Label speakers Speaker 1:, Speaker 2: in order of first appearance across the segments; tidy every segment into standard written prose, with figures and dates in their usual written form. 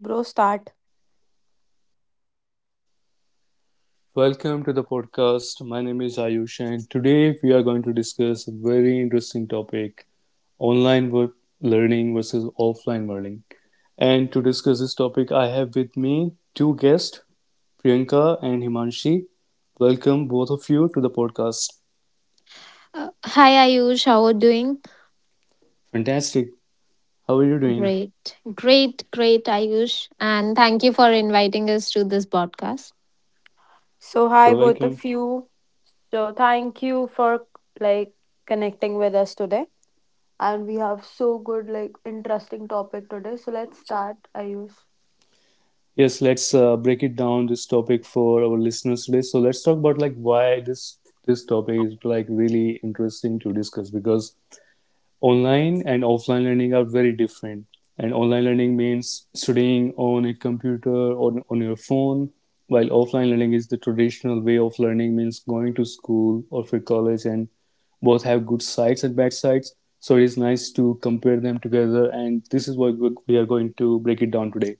Speaker 1: Bro, start.
Speaker 2: Welcome to the podcast. My name is Ayush, and today we are going to discuss a very interesting topic, online learning versus offline learning. And to discuss this topic, I have with me two guests, Priyanka and Himanshi. Welcome, both of you, to the podcast.
Speaker 3: Hi Ayush, how are you doing?
Speaker 2: Fantastic. How are you doing?
Speaker 3: Great, great, great Ayush, and thank you for inviting us to this podcast.
Speaker 1: So hi
Speaker 2: You're
Speaker 1: both
Speaker 2: welcome.
Speaker 1: of you. So thank you for like connecting with us today. And we have so good, like, interesting topic today. So let's start, Ayush.
Speaker 2: Yes, let's break it down this topic for our listeners today. So let's talk about like why this topic is like really interesting to discuss, because online and offline learning are very different. And online learning means studying on a computer or on your phone, while offline learning is the traditional way of learning, means going to school or for college, and both have good sides and bad sides. So it is nice to compare them together, and this is what we are going to break it down today.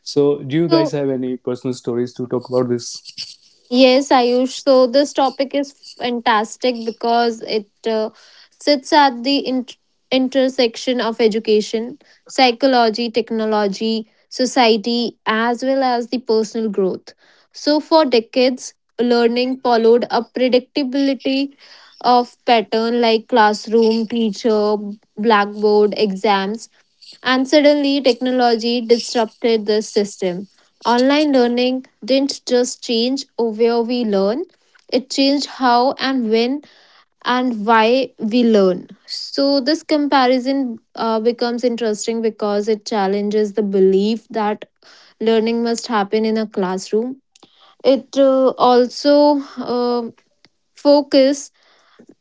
Speaker 2: So, do you guys
Speaker 3: So
Speaker 2: have any personal stories to talk about this?
Speaker 3: Yes, Ayush. So this topic is fantastic because it sits at the intersection of education, psychology, technology, society, as well as the personal growth. So for decades, learning followed a predictability of pattern like classroom, teacher, blackboard, exams and suddenly, technology disrupted this system. Online learning didn't just change where we learn, it changed how and when and why we learn. So, this comparison becomes interesting because it challenges the belief that learning must happen in a classroom. It also focuses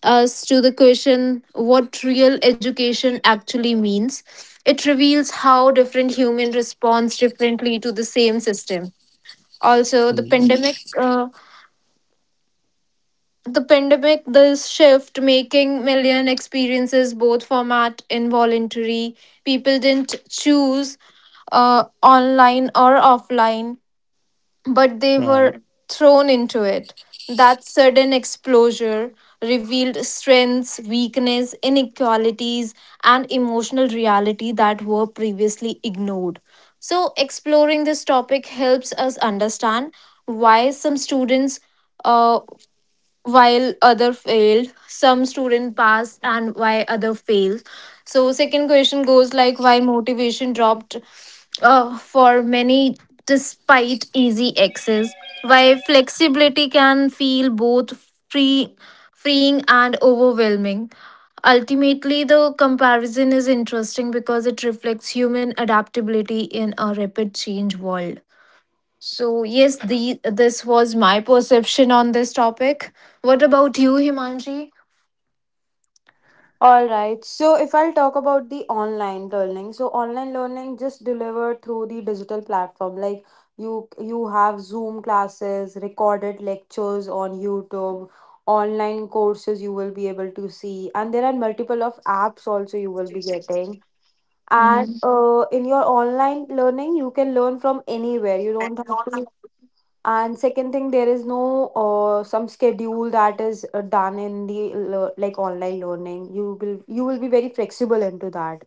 Speaker 3: us to the question what real education actually means. It reveals how different human responds differently to the same system. Also, the
Speaker 2: Right.
Speaker 3: pandemic, this shift making million experiences both format involuntary. People didn't choose online or offline but they were
Speaker 2: Brian.
Speaker 3: thrown into it. That sudden exposure revealed strengths, weakness, inequalities, and emotional reality that were previously ignored. So, exploring this topic helps us understand why some students. uh, while other failed some student passed and why other failed. So second question goes like why motivation dropped for many despite easy access, why flexibility can feel both free freeing and overwhelming. Ultimately the comparison is interesting because it reflects human adaptability in a rapid change world. So yes, the this was my perception on this topic. What about you, Himanshi?
Speaker 1: All right. So if I'll talk about the online learning, so online learning just delivered through the digital platform. Like you have Zoom classes, recorded lectures on YouTube, online courses you will be able to see, and there are multiple of apps also you will be getting. And
Speaker 3: Mhm.
Speaker 1: in your online learning you can learn from anywhere you don't have to. And second thing, there is no some schedule that is done in the like online learning, you will be very flexible into that.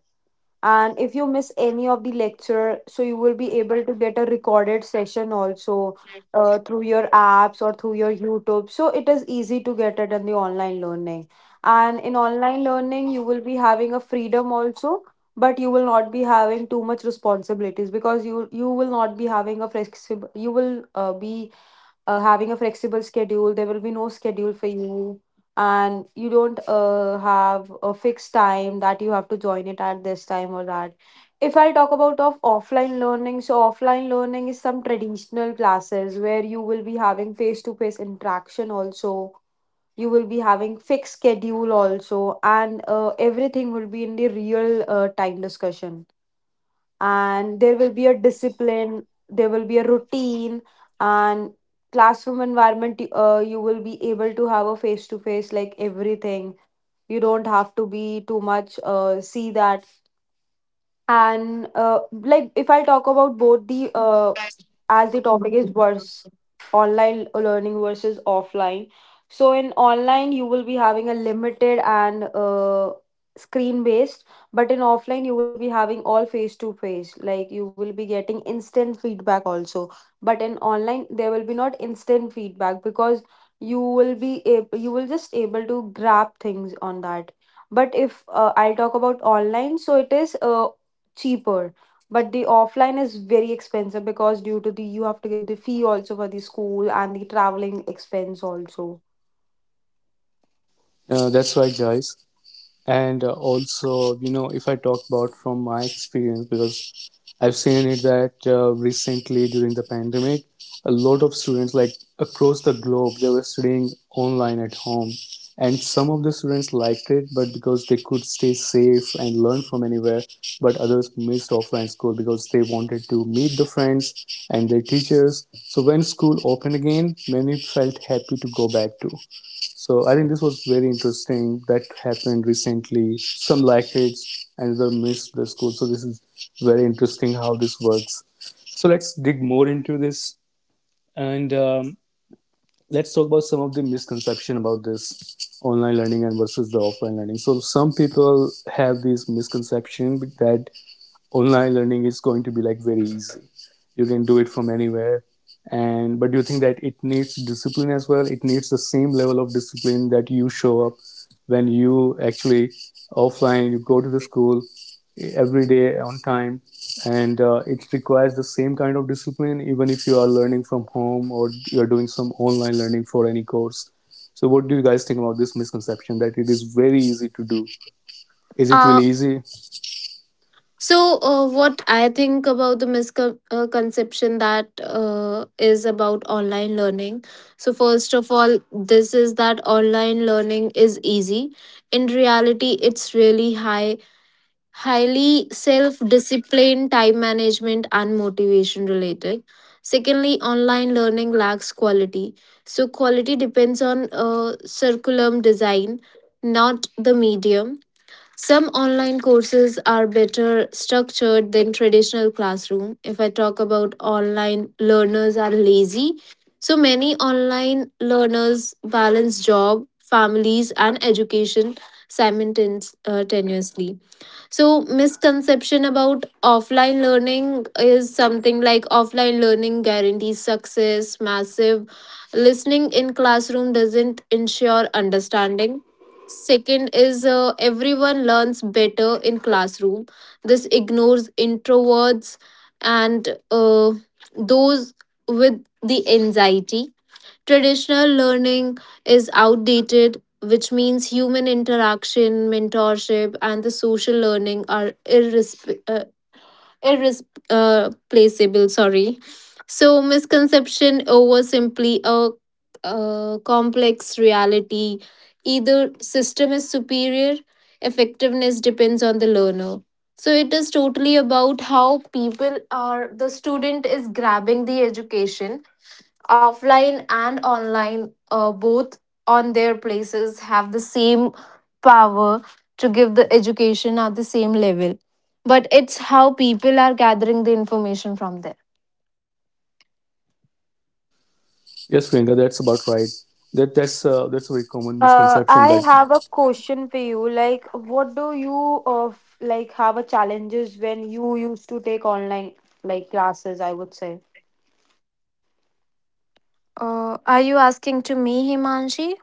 Speaker 1: And if you miss any of the lecture, so you will be able to get a recorded session also, through your apps or through your YouTube, so it is easy to get it in the online learning. And in online learning you will be having a freedom also, but you will not be having too much responsibilities because you will not be having a flexible, you will be having a flexible schedule, there will be no schedule for you. And you don't have a fixed time that you have to join it at this time or that. If I talk about of offline learning, so offline learning is some traditional classes where you will be having face to face interaction also. You will be having fixed schedule also, and everything will be in the real time discussion. And there will be a discipline, there will be a routine. And classroom environment, you will be able to have a face to face like everything. You don't have to be too much see that. And like if I talk about both the as the topic is worse, online learning versus offline. So in online, you will be having a limited and screen based, but in offline you will be having all face to face, like you will be getting instant feedback also. But in online there will be not instant feedback because you will just able to grab things on that. But if I'll talk about online, so it is cheaper, but the offline is very expensive because due to the you have to give the fee also for the school and the traveling expense also.
Speaker 2: That's right, guys. And also, if I talk about from my experience, because I've seen it that recently during the pandemic, a lot of students, like across the globe, they were studying online at home. And some of the students liked it, but because they could stay safe and learn from anywhere, but others missed offline school because they wanted to meet the friends and their teachers. So when school opened again, many felt happy to go back to. So I think this was very interesting. That happened recently. Some liked it, another missed the school. So this is very interesting how this works. So let's dig more into this, and let's talk about some of the misconception about this online learning and versus the offline learning. So some people have these misconception that online learning is going to be like very easy, you can do it from anywhere, and but do you think that it needs discipline as well? It needs the same level of discipline that you show up when you actually offline you go to the school every day on time, and it requires the same kind of discipline even if you are learning from home or you're doing some online learning for any course. So what do you guys think about this misconception that it is very easy to do? Is it
Speaker 3: Uh,
Speaker 2: really easy?
Speaker 3: what I think about the misconception that is about online learning. So first of all, this is that online learning is easy. In reality, it's really highly self discipline, time management, and motivation related. Secondly, online learning lacks quality. So, quality depends on curriculum design, not the medium. Some online courses are better structured than traditional classroom. If I talk about online learners are lazy, so many online learners balance job, families, and education simultaneously. So misconception about offline learning is something like offline learning guarantees success massive listening in classroom doesn't ensure understanding. Second is everyone learns better in classroom, this ignores introverts and those with the anxiety. Traditional learning is outdated, which means human interaction, mentorship, and the social learning are irreplaceable. Sorry. So, misconception over simply a complex reality. Either system is superior, effectiveness depends on the learner. So it is totally about how people are, the student is grabbing the education offline and online both on their places have the same power to give the education at the same level, but it's how people are gathering the information from there.
Speaker 2: Yes, Priyanka, that's about right. That's a very common misconception
Speaker 1: I
Speaker 2: that.
Speaker 1: have a question for you. Like, what do you like have a challenges when you used to take online like classes? I would say.
Speaker 3: Are you asking to me, Himanshi?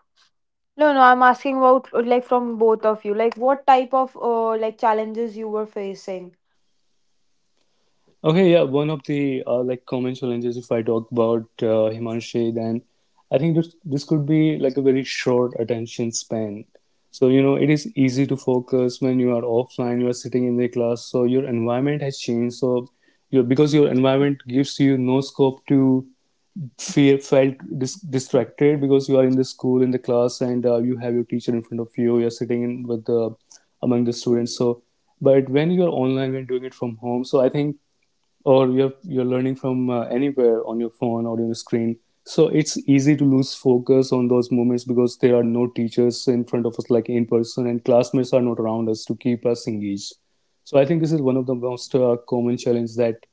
Speaker 1: No, no, I'm asking about like from both of you. Like, what type of like challenges you were facing?
Speaker 2: Okay, yeah, one of the like common challenges if I talk about Himanshi, then I think this could be like a very short attention span. So it is easy to focus when you are offline. You are sitting in the class, so your environment has changed. So you because your environment gives you no scope to feel distracted, because you are in the school in the class, and you have your teacher in front of you. You're sitting in with the among the students, so but when you're online, when doing it from home, so I think, or you're learning from anywhere on your phone or on your screen, so it's easy to lose focus on those moments, because there are no teachers in front of us like in person and classmates are not around us to keep us engaged. So I think this is one of the most common challenges that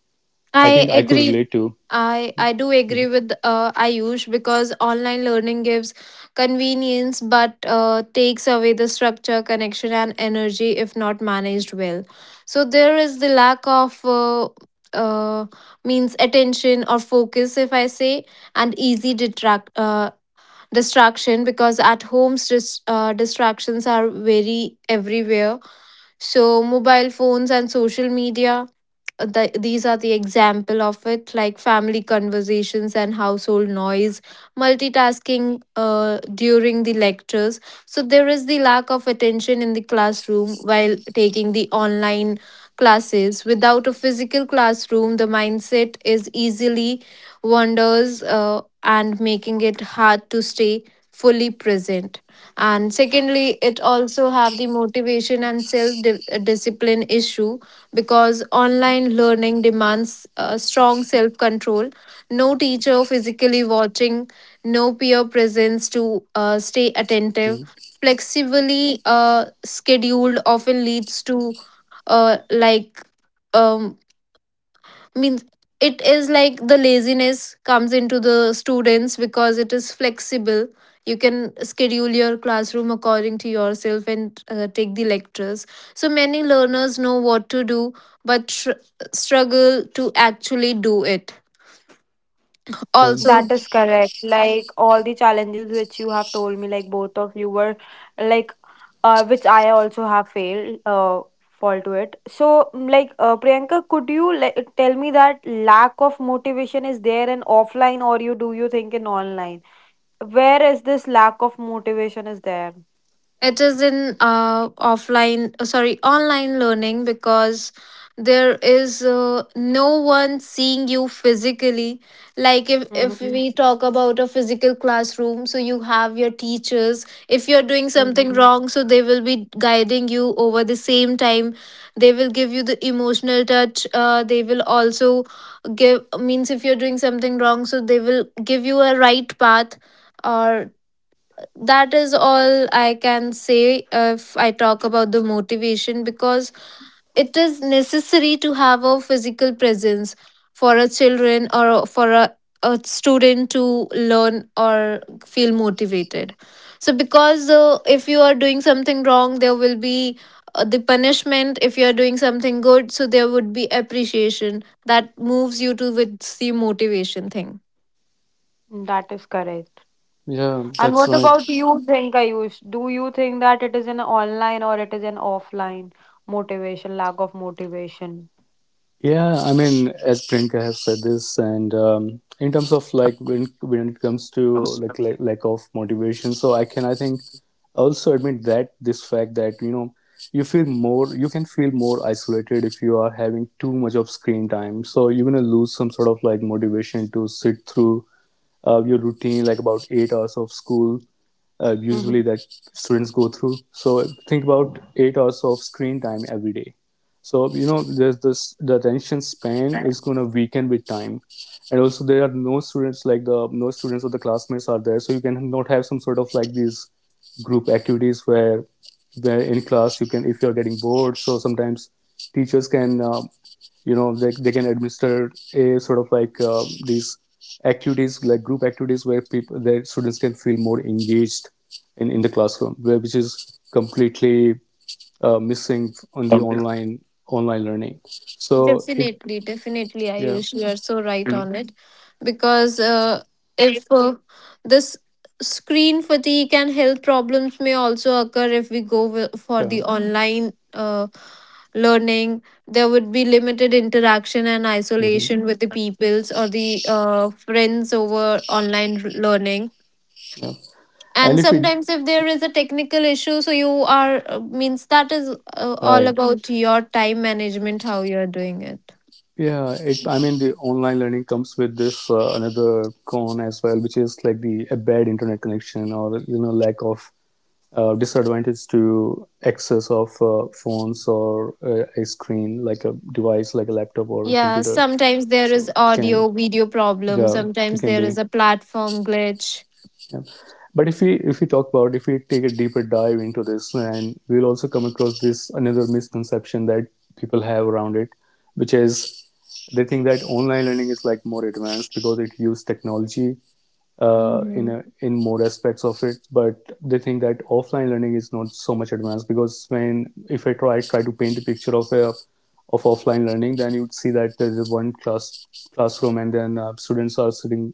Speaker 2: I
Speaker 3: I
Speaker 2: think I could
Speaker 3: agree.
Speaker 2: relate to.
Speaker 3: I do agree with Ayush because online learning gives convenience but takes away the structure, connection, and energy if not managed well. So there is the lack of uh, means attention or focus, if I say, and easy detract distraction because at homes distractions are very everywhere. So mobile phones and social media, these are the example of it like family conversations and household noise, multitasking during the lectures. So there is the lack of attention in the classroom while taking the online classes. Without a physical classroom the mindset is easily wanders and making it hard to stay fully present. And secondly it also have the motivation and discipline issue, because online learning demands strong self control. No teacher physically watching, no peer presence to stay attentive.
Speaker 2: Mhm.
Speaker 3: Flexibly scheduled often leads to uh, like um, means it is like the laziness comes into the students because it is flexible, you can schedule your classroom according to yourself and take the lectures. So many learners know what to do but struggle to actually do it
Speaker 2: Um,
Speaker 3: also.
Speaker 1: That is correct. Like all the challenges which you have told me, like both of you were like which I also have failed fall to it. So like Priyanka, could you like tell me that lack of motivation is there in offline, or you do you think in online? Where is this lack of motivation is there?
Speaker 3: It is in online learning because there is no one seeing you physically. Like if we
Speaker 1: Mm-hmm.
Speaker 3: talk about a physical classroom, so you have your teachers. If you're doing something
Speaker 1: Mm-hmm.
Speaker 3: wrong, so they will be guiding you over the same time. They will give you the emotional touch. They will also give, means if you're doing something wrong, so they will give you a right path, or that is all I can say if I talk about the motivation. Because it is necessary to have a physical presence for a children or for a student to learn or feel motivated. So, because if you are doing something wrong, there will be the punishment. If you are doing something good, so there would be appreciation that moves you to with the motivation thing.
Speaker 1: That is correct.
Speaker 2: Yeah,
Speaker 1: And
Speaker 2: that's
Speaker 1: what
Speaker 2: right.
Speaker 1: about you think, Ayush? Do you think that it is an online or it is an offline motivation, lack of motivation?
Speaker 2: Yeah, I mean, as Priyanka has said this, and in terms of like when it comes to like, lack of motivation, so I think also admit that this fact that you know you can feel more isolated if you are having too much of screen time. So you're gonna lose some sort of like motivation to sit through your routine, like about 8 hours of school, usually
Speaker 1: Mm-hmm.
Speaker 2: that students go through. So think about 8 hours of screen time every day. So there's this the attention span is going to weaken with time, and also there are no students, like, the no students or the classmates are there, so you can not have some sort of like these group activities where in class you can, if you are getting bored. So sometimes teachers can, you know, they can administer a sort of like these activities like group activities where people their students can feel more engaged in, the classroom which is completely missing on the online learning, so it—
Speaker 3: Definitely, definitely,
Speaker 2: Yeah.
Speaker 3: Ayush, you are so right on it. Because if this screen fatigue and health problems may also occur if we go for
Speaker 2: Yeah.
Speaker 3: the online learning. There would be limited interaction and
Speaker 2: Hmm.
Speaker 3: isolation with the peoples or the friends over online learning.
Speaker 2: Yeah. And
Speaker 3: And
Speaker 2: if it—
Speaker 3: sometimes, if there is a technical issue, so you are means that is all
Speaker 2: Right.
Speaker 3: about your time management, how you are doing it.
Speaker 2: Yeah, it, I mean the online learning comes with this another con as well, which is like the a bad internet connection, or lack of disadvantage to access of phones, or a screen like a device like a laptop or a
Speaker 3: Yeah,
Speaker 2: computer,
Speaker 3: sometimes there is
Speaker 2: so it
Speaker 3: audio,
Speaker 2: can—
Speaker 3: video problem.
Speaker 2: Yeah. It
Speaker 3: Sometimes
Speaker 2: can
Speaker 3: there is
Speaker 2: be—
Speaker 3: a platform glitch.
Speaker 2: Yeah. But if we talk about, if we take a deeper dive into this, and we'll also come across this another misconception that people have around it, which is they think that online learning is like more advanced because it uses technology in a,
Speaker 3: Mhm.
Speaker 2: in more aspects of it, but they think that offline learning is not so much advanced. Because when if I try to paint a picture of a of offline learning, then you'd see that there's one classroom, and then students are sitting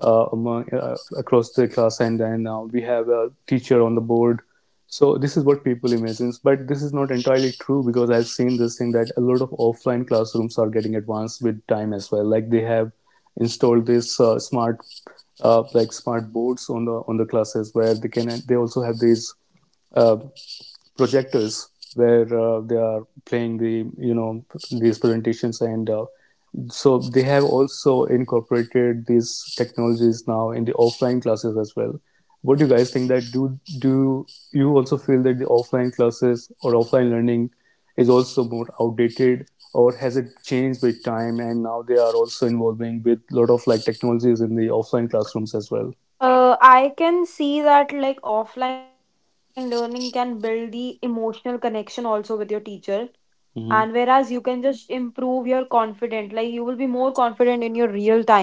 Speaker 2: across the class, and then we have a teacher on the board. So this is what people imagine, but this is not entirely true, because I've seen this thing that a lot of offline classrooms are getting advanced with time as well. Like they have installed this smart, boards on the classes where they can. They also have these uh, projectors where they are playing the these presentations, and so they have also incorporated these technologies now in the offline classes as well. What do you guys think that do you also feel that the offline classes or offline learning is also more outdated, or has it changed with time and now they are also involving with a lot of like technologies in the offline classrooms as well?
Speaker 1: I can see that like offline learning can build the emotional connection also with your teacher, and whereas you
Speaker 2: Mm-hmm.
Speaker 1: can just improve your confidence, like you will be more confident in your real time.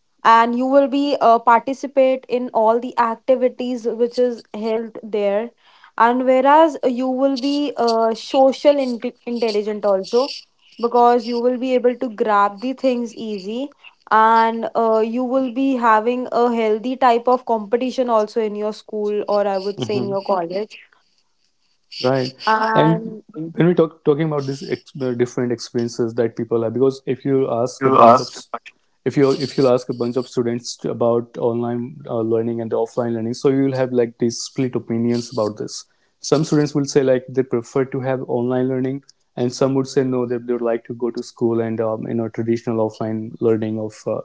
Speaker 1: And you will be participate in all the activities which is held there. And whereas you will be social intelligent also, because you will be able to grab the things easy. And you will be having a healthy type of competition also in your school, or I would say in your college.
Speaker 2: Right. And
Speaker 1: And
Speaker 2: when we talking about these the different experiences that people have, because if you ask a bunch of s- if you, ask a bunch of students about online learning and the offline learning, so you will have like these split opinions about this. Some students will say like they prefer to have online learning, and some would say no, they would like to go to school and you know traditional offline learning of uh,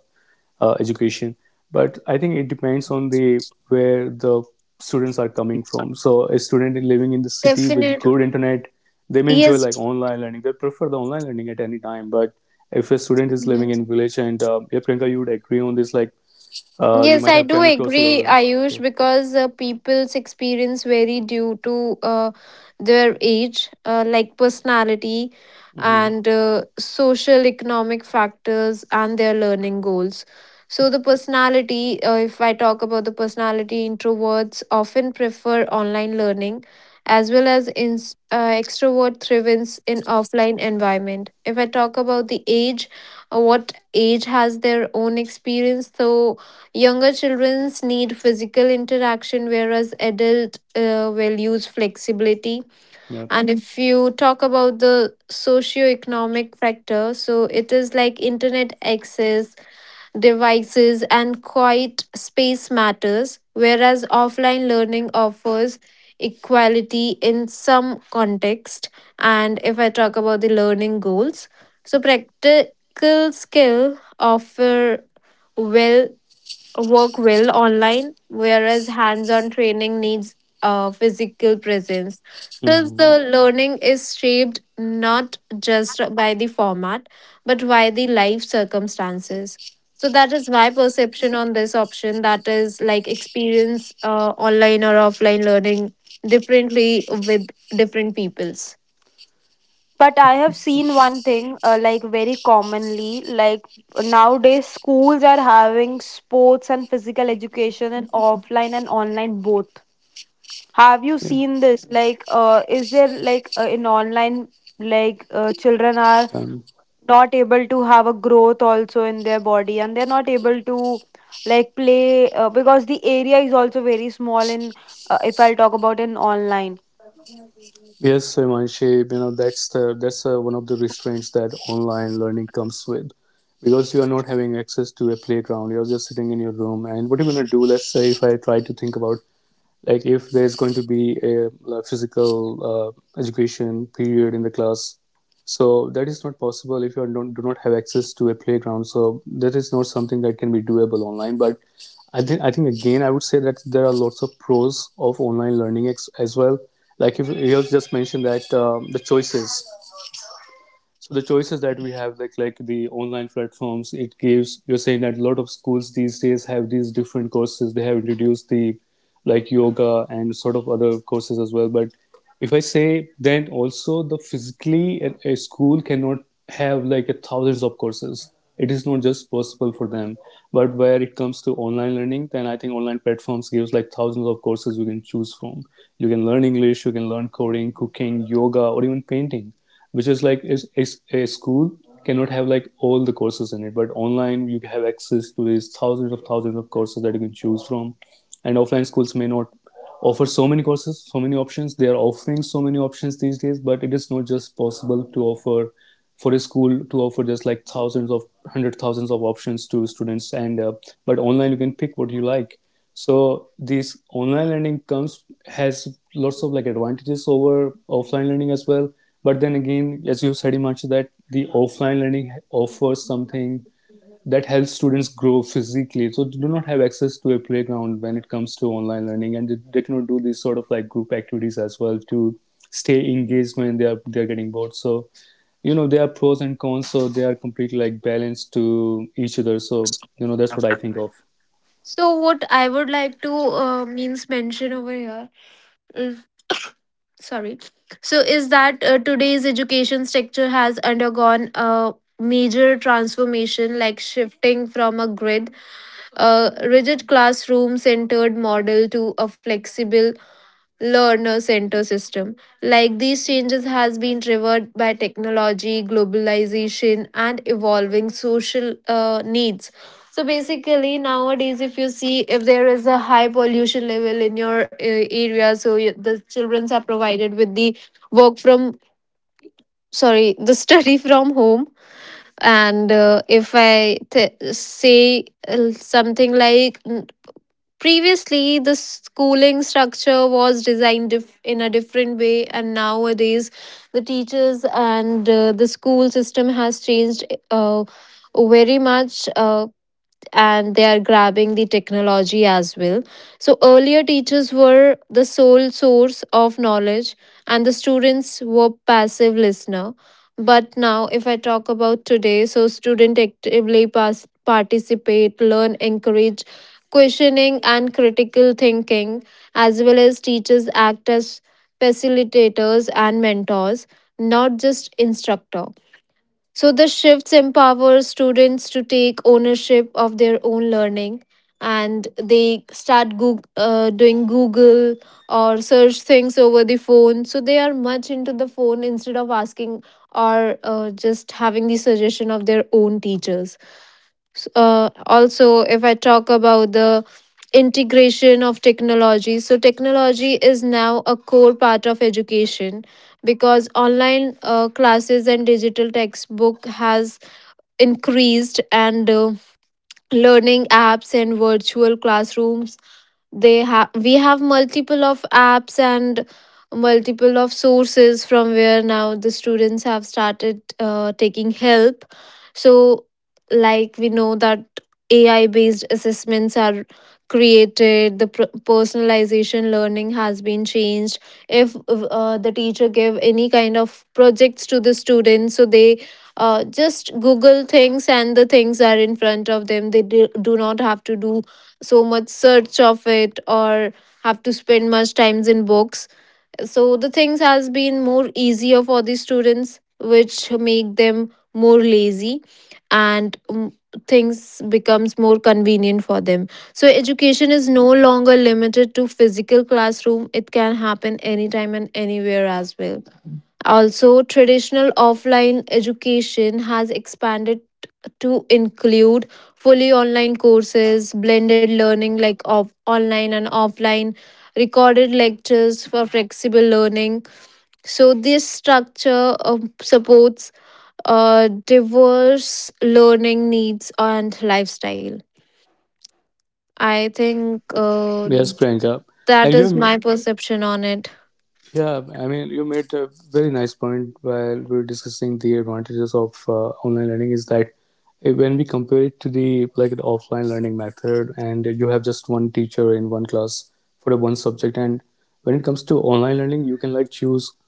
Speaker 2: uh, education. But I think it depends on the where the students are coming from. So a student living in the city with
Speaker 3: Definitely.
Speaker 2: good internet, they may enjoy
Speaker 3: Yes.
Speaker 2: like online learning, they prefer the online learning at any time. But if a student is living in village and yeah, Priyanka, you would agree on this, like you
Speaker 3: Yes,
Speaker 2: might
Speaker 3: I
Speaker 2: have
Speaker 3: do
Speaker 2: chemicals,
Speaker 3: agree,
Speaker 2: or— Yeah.
Speaker 3: Ayush, because people's experience vary due to their age, like personality
Speaker 2: Mm-hmm.
Speaker 3: and social economic factors and their learning goals. So, if I talk about the personality, introverts often prefer online learning as well as extrovert thrives in offline environment. If I talk about the age, what age has their own experience, so younger childrens need physical interaction, whereas adult will use flexibility.
Speaker 2: Yeah.
Speaker 3: And if you talk about the socio-economic factor, so it is like internet access, devices, and quiet space matters, whereas offline learning offers equality in some context. And if I talk about the learning goals, so practical skill offer well work well online, whereas hands on training needs physical presence. Thus,
Speaker 2: Mm-hmm.
Speaker 3: the learning is shaped not just by the format, but by the life circumstances. So, that is my perception on this option that is like experience online or offline learning differently with different peoples.
Speaker 1: But I have seen one thing, like very commonly, like nowadays schools are having sports and physical education in offline and online both. Have you
Speaker 2: Yeah.
Speaker 1: seen this? Like, is there like in online, like children are
Speaker 2: Um,
Speaker 1: not able to have a growth also in their body, and they're not able to like play because the area is also very small in if I'll talk about in online.
Speaker 2: Yes, Himanshi, that's one of the restraints that online learning comes with, because you are not having access to a playground. You're just sitting in your room, and what are you gonna do? Let's say if I try to think about, like, if there's going to be a, physical education period in the class. So that is not possible if you don't do not have access to a playground, so that is not something that can be doable online. But I think again, I would say that there are lots of pros of online learning as well. Like, if you just mentioned that the choices, so the choices that we have, like, the online platforms it gives. You're saying that a lot of schools these days have these different courses. They have introduced the, like, yoga and sort of other courses as well. But if I say, then also the physically a school cannot have, like, a thousands of courses. It is not just possible for them. But where it comes to online learning, then I think online platforms gives like thousands of courses you can choose from. You can learn English, you can learn coding, cooking, yoga, or even painting, which is like is a school cannot have like all the courses in it. But online you have access to these thousands of courses that you can choose from. And offline schools may not offer so many courses, so many options. They are offering so many options these days, but it is not just possible to offer, for a school to offer just like thousands of, hundred thousands of options to students. And but online you can pick what you like. So this online learning comes, has lots of like advantages over offline learning as well. But then again, as you said, Himanshu, that the offline learning offers something that helps students grow physically. So they do not have access to a playground when it comes to online learning, and they cannot do these sort of like group activities as well to stay engaged when they're getting bored. So, you know, there are pros and cons. So they are completely like balanced to each other. So, you know, that's what I think of.
Speaker 3: So, what I would like to means mention over here, sorry, so is that today's education sector has undergone a major transformation like shifting from a rigid classroom centered model to a flexible learner centered system. Like these changes has been driven by technology globalization and evolving social needs. So basically nowadays if you see if there is a high pollution level in your area, so you, the children are provided with the work from sorry the study from home. And if I t- say something like previously, the schooling structure was designed in a different way, and nowadays, the teachers and the school system has changed uh, very much. And they are grabbing the technology as well. So, earlier teachers were the sole source of knowledge, and the students were passive listener. But now, if I talk about today, so student actively participate, learn, encourage questioning and critical thinking, as well as teachers act as facilitators and mentors, not just instructor. So the shifts empower students to take ownership of their own learning, and they start doing Google or search things over the phone. So they are much into the phone instead of asking or just having the suggestion of their own teachers. Also, if I talk about the integration of technology, so technology is now a core part of education, because online classes and digital textbook has increased and learning apps and virtual classrooms, they have we have multiple of apps and multiple of sources from where now the students have started taking help. So like we know that AI based assessments are created, the personalization learning has been changed. If the teacher give any kind of projects to the students, so they just google things and the things are in front of them, they do not have to do so much search of it or have to spend much times in books. So the things has been more easier for the students which make them more lazy, and things becomes more convenient for them. So education is no longer limited to physical classroom, it can happen anytime and anywhere as well. Also, traditional offline education has expanded to include fully online courses, blended learning like of online and offline, recorded lectures for flexible learning. So, this structure supports diverse learning needs and lifestyle. I think
Speaker 2: Yes, Priyanka. and
Speaker 3: That
Speaker 2: you
Speaker 3: is
Speaker 2: ma-
Speaker 3: my perception on it.
Speaker 2: yeah, I mean, you made a very nice point while we were discussing the advantages of online learning, is that when we compare it to the, like, the offline learning method and you have just one teacher in one class for the one subject. And when it comes to online learning, you can like choose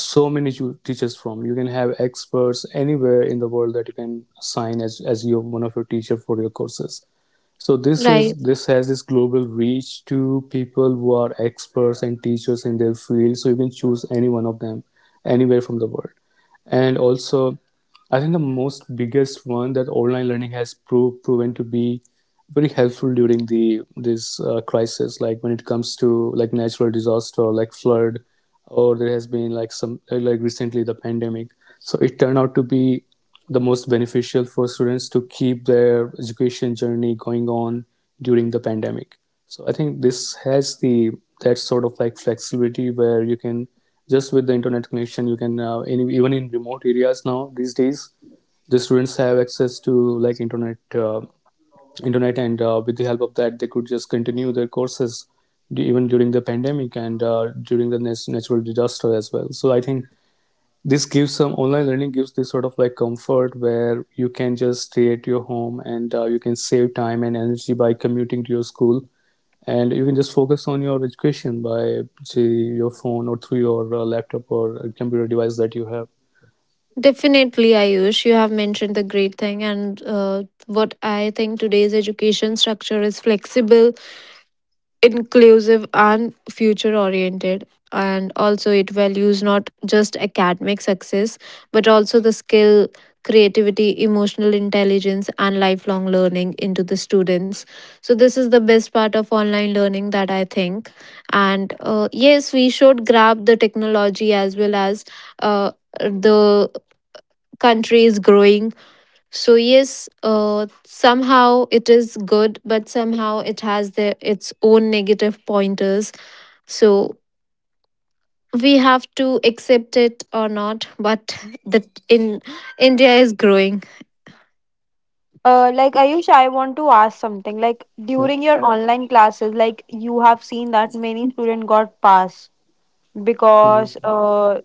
Speaker 2: so many teachers from. You can have experts anywhere in the world that you can assign as your, one of your teacher for your courses. So this
Speaker 3: Right.
Speaker 2: is, this has this global reach to people who are experts and teachers in their field. So you can choose any one of them anywhere from the world. And also, I think the most biggest one, that online learning has proven to be very helpful during the this crisis, like when it comes to like natural disaster, like flood, or there has been like some, like recently, the pandemic. So it turned out to be the most beneficial for students to keep their education journey going on during the pandemic. So I think this has the, that sort of like flexibility where you can just, with the internet connection, you can even in remote areas now these days, the students have access to like internet, uh, internet. And with the help of that, they could just continue their courses even during the pandemic and during the natural disaster as well. So I think this gives some, online learning gives this sort of like comfort where you can just stay at your home, and you can save time and energy by commuting to your school. And you can just focus on your education by, say, your phone or through your laptop or computer device that you have.
Speaker 3: Definitely, Ayush, you have mentioned the great thing, and what I think today's education structure is flexible, inclusive, and future oriented. And also, it values not just academic success, but also the skill, creativity, emotional intelligence, and lifelong learning into the students. So, this is the best part of online learning that I think. And yes, we should grab the technology as well as. Uh, the country is growing. So yes, somehow it is good, but somehow it has the its own negative pointers. So we have to accept it or not. But that in India is growing.
Speaker 1: Like Ayush, I want to ask something. Like
Speaker 2: Yep.
Speaker 1: during your Yeah. online classes, like you have seen that many students got pass because
Speaker 2: Mhm.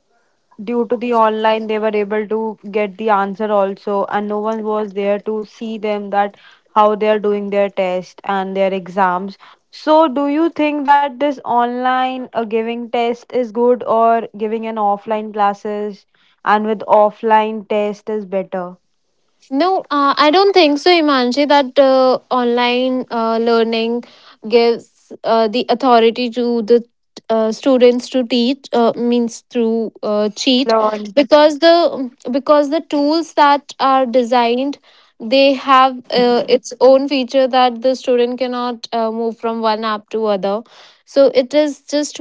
Speaker 1: due to the online they were able to get the answer also, and no one was there to see them that how they are doing their test and their exams. So, do you think that this online giving test is good, or giving an offline classes and with offline test is better?
Speaker 3: No, I don't think so, Imanji, that online learning gives the authority to the students to teach means through cheat,
Speaker 1: Learn.
Speaker 3: because the tools that are designed they have its own feature that the student cannot move from one app to other. So it is just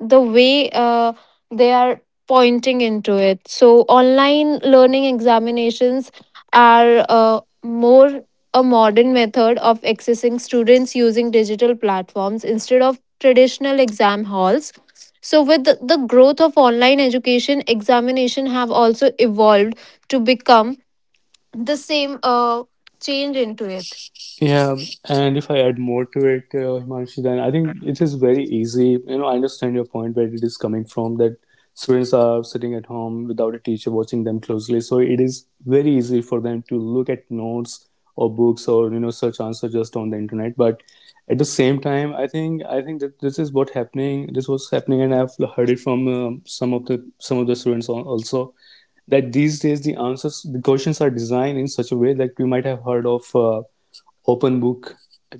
Speaker 3: the way they are pointing into it. So, online learning examinations are more a modern method of accessing students using digital platforms instead of traditional exam halls. So, with the growth of online education, examination have also evolved to become the same change into it.
Speaker 2: Yeah, and if I add more to it, Himanshi, then I think it is very easy. You know, I understand your point, where it is coming from, that students are sitting at home without a teacher watching them closely. So it is very easy for them to look at notes or books, or, you know, search answer just on the internet. But at the same time, I think that this is what happening. This was happening, and I've heard it from some of the students also, that these days the answers, the questions are designed in such a way that we might have heard of. Open book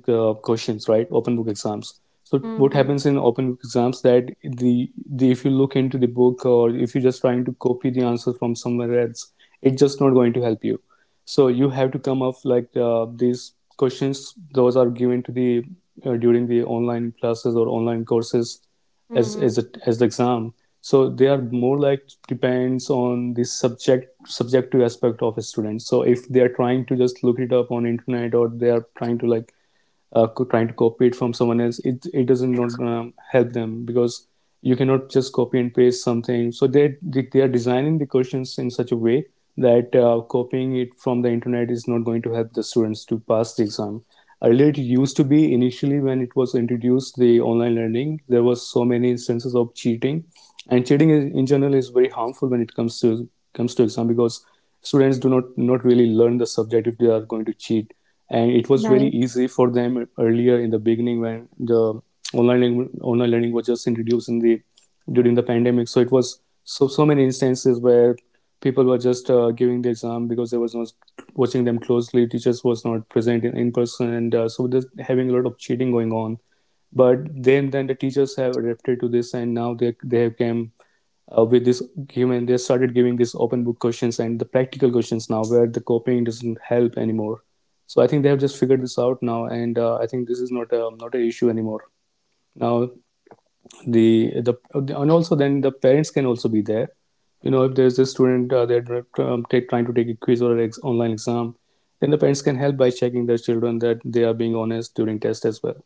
Speaker 2: questions, right? Open book exams. So what
Speaker 1: Mm-hmm.
Speaker 2: happens in open book exams, that the if you look into the book or if you're just trying to copy the answer from somewhere else, it's just not going to help you. So you have to come up like, these questions. Those are given to the during the online classes or online courses as, as the exam. So they are more like depends on the subjective aspect of a student. So if they are trying to just look it up on internet, or they are trying to like trying to copy it from someone else, it doesn't, not gonna help them, because you cannot just copy and paste something. So they are designing the questions in such a way that copying it from the internet is not going to help the students to pass the exam. Earlier it used to be, initially when it was introduced the online learning, there was so many instances of cheating. And cheating in general is very harmful when it comes to, comes to exam, because students do not really learn the subject if they are going to cheat. And it was very
Speaker 3: Right.
Speaker 2: easy for them earlier, in the beginning when the online, online learning was just introduced in the, during the pandemic. So it was so, so many instances where people were just giving the exam because they was not watching them closely. Teachers was not present in person. And so there's having a lot of cheating going on. But then the teachers have adapted to this, and now they have came with this game, and they started giving this open book questions and the practical questions now, where the copying doesn't help anymore. So I think they have just figured this out now, and I think this is not a, not an issue anymore now. the the, and also then the parents can also be there. You know, if there's a student, they're trying to take a quiz or an online exam, then the parents can help by checking their children that they are being honest during test as well.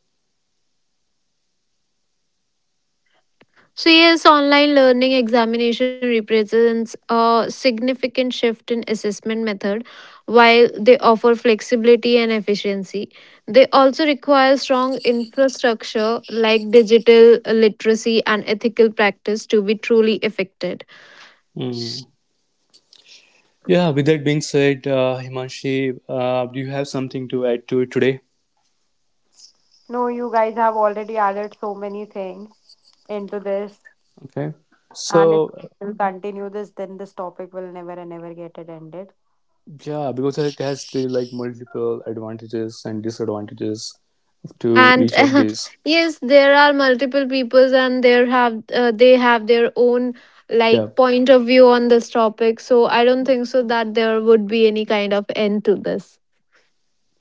Speaker 3: So, yes, online learning examination represents a significant shift in assessment method. While they offer flexibility and efficiency, they also require strong infrastructure like digital literacy and ethical practice to be truly effective.
Speaker 2: Mm. Yeah, with that being said, Himanshi, do you have something to add to it today?
Speaker 1: No, you guys have already added so many things into this.
Speaker 2: Okay,
Speaker 1: And if
Speaker 2: so,
Speaker 1: we'll continue this, then this topic will never and never get it ended.
Speaker 2: yeah, because it has the, like, multiple advantages and disadvantages to
Speaker 3: And
Speaker 2: each of these.
Speaker 3: yes there are multiple peoples and there have they have their own
Speaker 2: Yeah.
Speaker 3: like point of view on this topic, so I don't think so that there would be any kind of end to this.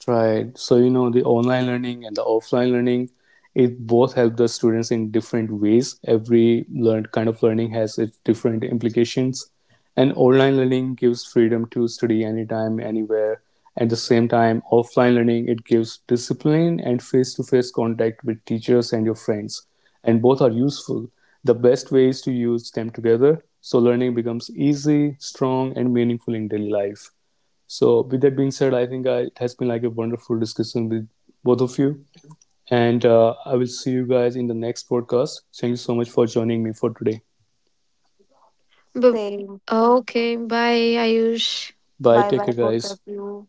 Speaker 2: Right. So, you know, the online learning and the offline learning, it both help the students in different ways. Every learned kind of learning has its different implications. And online learning gives freedom to study anytime, anywhere. At the same time, offline learning, it gives discipline and face to face contact with teachers and your friends. And both are useful. The best way is to use them together so learning becomes easy, strong, and meaningful in daily life. So, with that being said, I think I, it has been like a wonderful discussion with both of you. And I will see you guys in the next podcast. Thank you so much for joining me for today.
Speaker 3: But
Speaker 1: Same.
Speaker 3: okay, bye Ayush.
Speaker 2: Bye.
Speaker 1: Bye
Speaker 2: Take
Speaker 1: bye,
Speaker 2: care,
Speaker 1: both
Speaker 2: guys.
Speaker 1: of you.